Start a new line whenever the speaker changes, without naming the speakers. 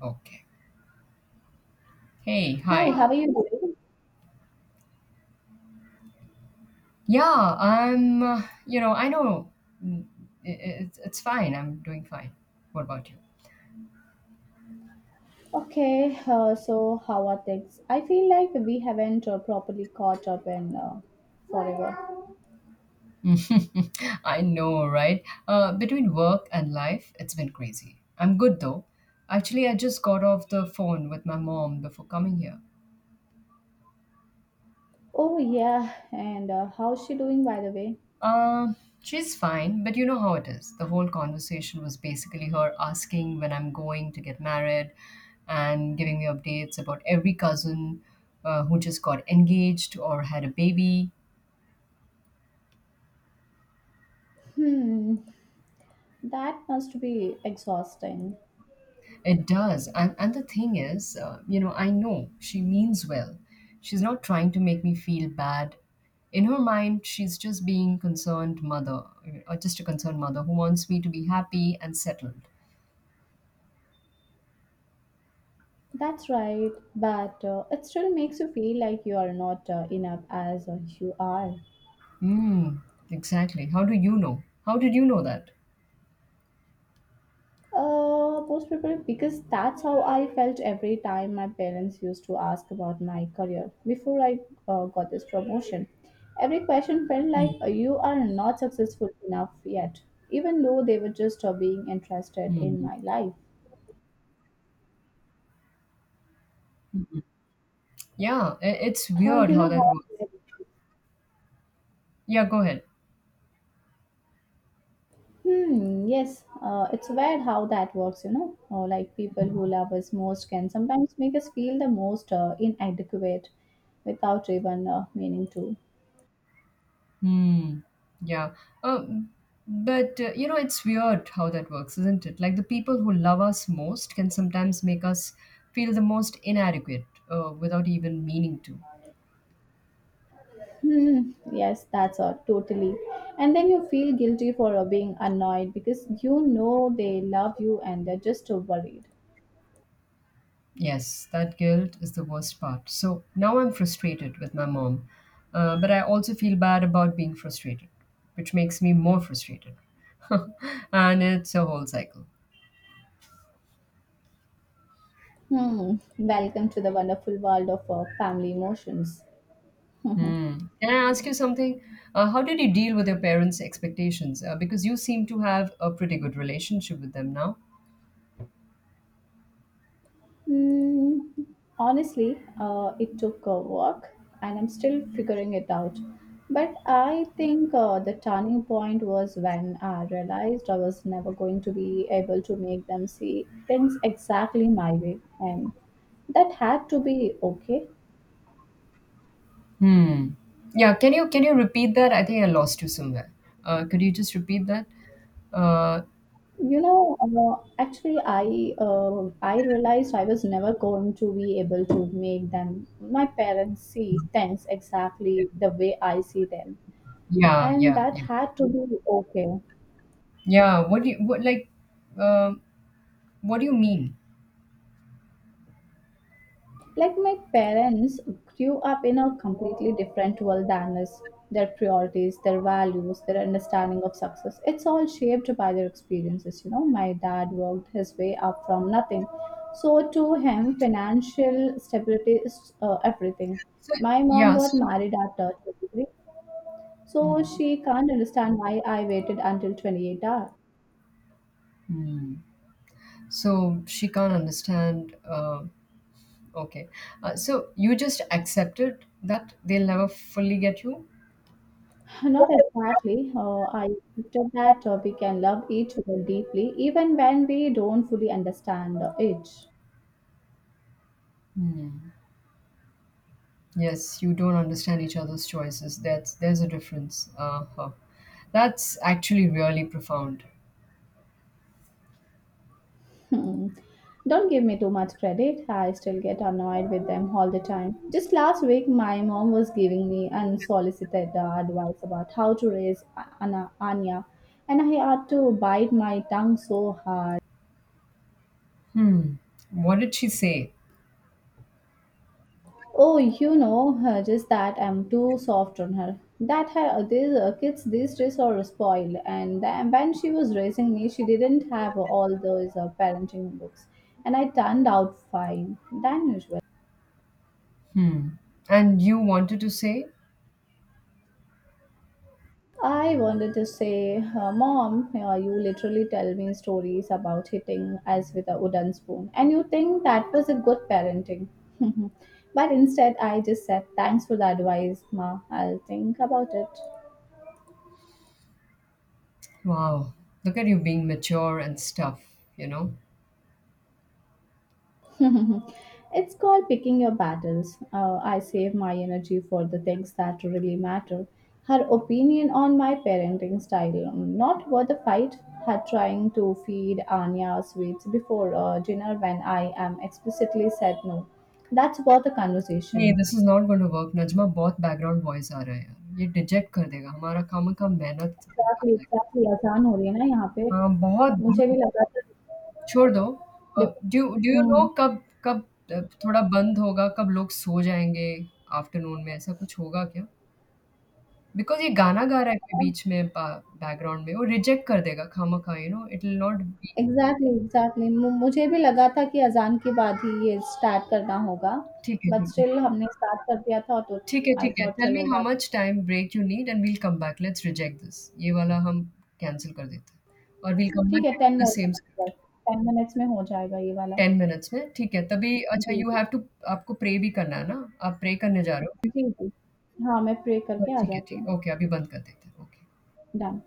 Okay. Hey,
Hi,
hi.
how are you doing?
Yeah, I'm, I know, mm, it's fine. I'm doing fine. What about you?
Okay, so how are things? I feel like we haven't properly caught up in forever.
I know, right? Between work and life, it's been crazy. I'm good though. Actually, I just got off the phone with my mom before coming here.
Oh, yeah, and how's she doing, by the way?
Uh, she's fine, but you know how it is. The whole conversation was basically her asking when I'm going to get married and giving me updates about every cousin who just got engaged or had a baby.
Hmm, that must be exhausting.
It does. And the thing is, I know she means well. She's not trying to make me feel bad. In her mind, she's just being concerned mother, or just a concerned mother who wants me to be happy and settled.
That's right, but it still makes you feel like you are not enough as you are.
Mm, exactly. How do you know? How did you know that?
Most people, because that's how I felt every time my parents used to ask about my career before I got this promotion. Every question felt like
Mm,
you are not successful enough yet, even though they were just being interested in
mm.
my life.
Yeah, it's
How
weird
you
how
know
that works.
how?
Yeah, go ahead.
Hmm. Yes. It's weird how that works. You know, like people who love us most can sometimes make us feel the most inadequate, without even meaning to.
Hmm. Yeah. Um, but it's weird how that works, isn't it? Like the people who love us most can sometimes make us feel the most inadequate without even meaning to.
Hmm, yes, that's all, totally. And then you feel guilty for being annoyed because you know they love you and they're just worried.
Yes, that guilt is the worst part. So now I'm frustrated with my mom, but I also feel bad about being frustrated, which makes me more frustrated. And it's a whole cycle.
Hmm, welcome to the wonderful world of family emotions.
Hmm. Can I ask you something? How did you deal with your parents' expectations? Because you seem to have a pretty good relationship with them now.
Mm, honestly, it took work and I'm still figuring it out. But I think the turning point was when I realized I was never going to be able to make them see things exactly my way. And that had to be okay.
Hmm. Yeah, can you repeat that? I think I lost you somewhere. Could you just repeat that? Uh,
You know, actually, I realized I was never going to be able to make them my parents see things exactly the way I see them
yeah,
and
yeah,
that
yeah,
had to be okay.
yeah. What do you, what, like? um What do you mean?
Like my parents grew up in a completely different world than us. Their priorities, their values, their understanding of success, it's all shaped by their experiences. You know, my dad worked his way up from nothing. So, to him, financial stability is everything.
So
My mom
yeah,
got married at 23, so
mm,
she can't understand why I waited until 28 hours.
mm. So she can't understand. Okay, so you just accepted that they'll never fully get you.
Not exactly. I accepted that we can love each other deeply even when we don't fully understand it.
Mm. Yes, you don't understand each other's choices. That's there's a difference. Uh huh. That's actually really profound.
Hmm. Don't give me too much credit. I still get annoyed with them all the time. Just last week, my mom was giving me unsolicited advice about how to raise Anna, Anya, and I had to bite my tongue so hard.
Hmm. What did she say?
Oh, you know, just that I'm too soft on her. That her these kids these days are spoiled, and then when she was raising me, she didn't have all those parenting books, and I turned out fine than usual.
Hmm. And you wanted to say,
I wanted to say, Mom, you literally tell me stories about hitting us with a wooden spoon, and you think that was a good parenting. but instead, I just said, Thanks for the advice, Ma. I'll think about it.
wow, look at you being mature and stuff, you know?
it's called picking your battles. I save my energy for the things that really matter. Her opinion on my parenting style, not worth a fight. Her trying to feed Anya sweets before dinner when I am explicitly said no. That's worth a
नहीं,
conversation.
This is not going to work Najma बहुत background voice आ रहा है यार। ये डिजेक्ट कर देगा हमारा खामख़ा मेहनत
एग्जैक्टली
निकालता है।
एग्जैक्टली आसान हो रही है ना यहाँ पे
हाँ, बहुत,
मुझे भी
बहुत
लगा था
छोड़ दो। अ,
देखो
do do you know
hmm
कब कब अ, थोड़ा बंद होगा, कब लोग सो जाएँगे आफ्टरनून में, ऐसा कुछ होगा क्या? बिकॉज़ ये गाना गा रहा है कोई बीच में ब बैकग्राउंड में, वो रिजेक्ट कर देगा खामख़ा you know, it will not be
exactly, exactly मु मुझे भी लगा था कि अज़ान के बाद ही ये स्टार्ट करना होगा,
ठीक है,
बट
ठीक है।
स्टिल हमने स्टार्ट कर दिया था तो
ठीक है,
आई
ठीक है।
थॉट
टेल मी
चलो
how
that
much time break you need and we'll come back, let's reject this. ये वाला हम कैंसल कर देते हैं और वील कम
ठीक
बैक
है
and
10
do the
more
same
minutes बस,
स्क्रिप्ट
10 मिनट्स में हो जाएगा ये वाला।
10 मिनट्स में। ठीक है, तभी अच्छा
जी,
यू हैव
जी।
टू आपको प्रे भी करना है ना? आप प्रे करने जा रहे हो?
जी, जी। हाँ, मैं प्रे करके आ
ठीक है,
जाती
ठीक
हूँ।
है। ओके, अभी बंद कर देते हैं। ओके।
डन।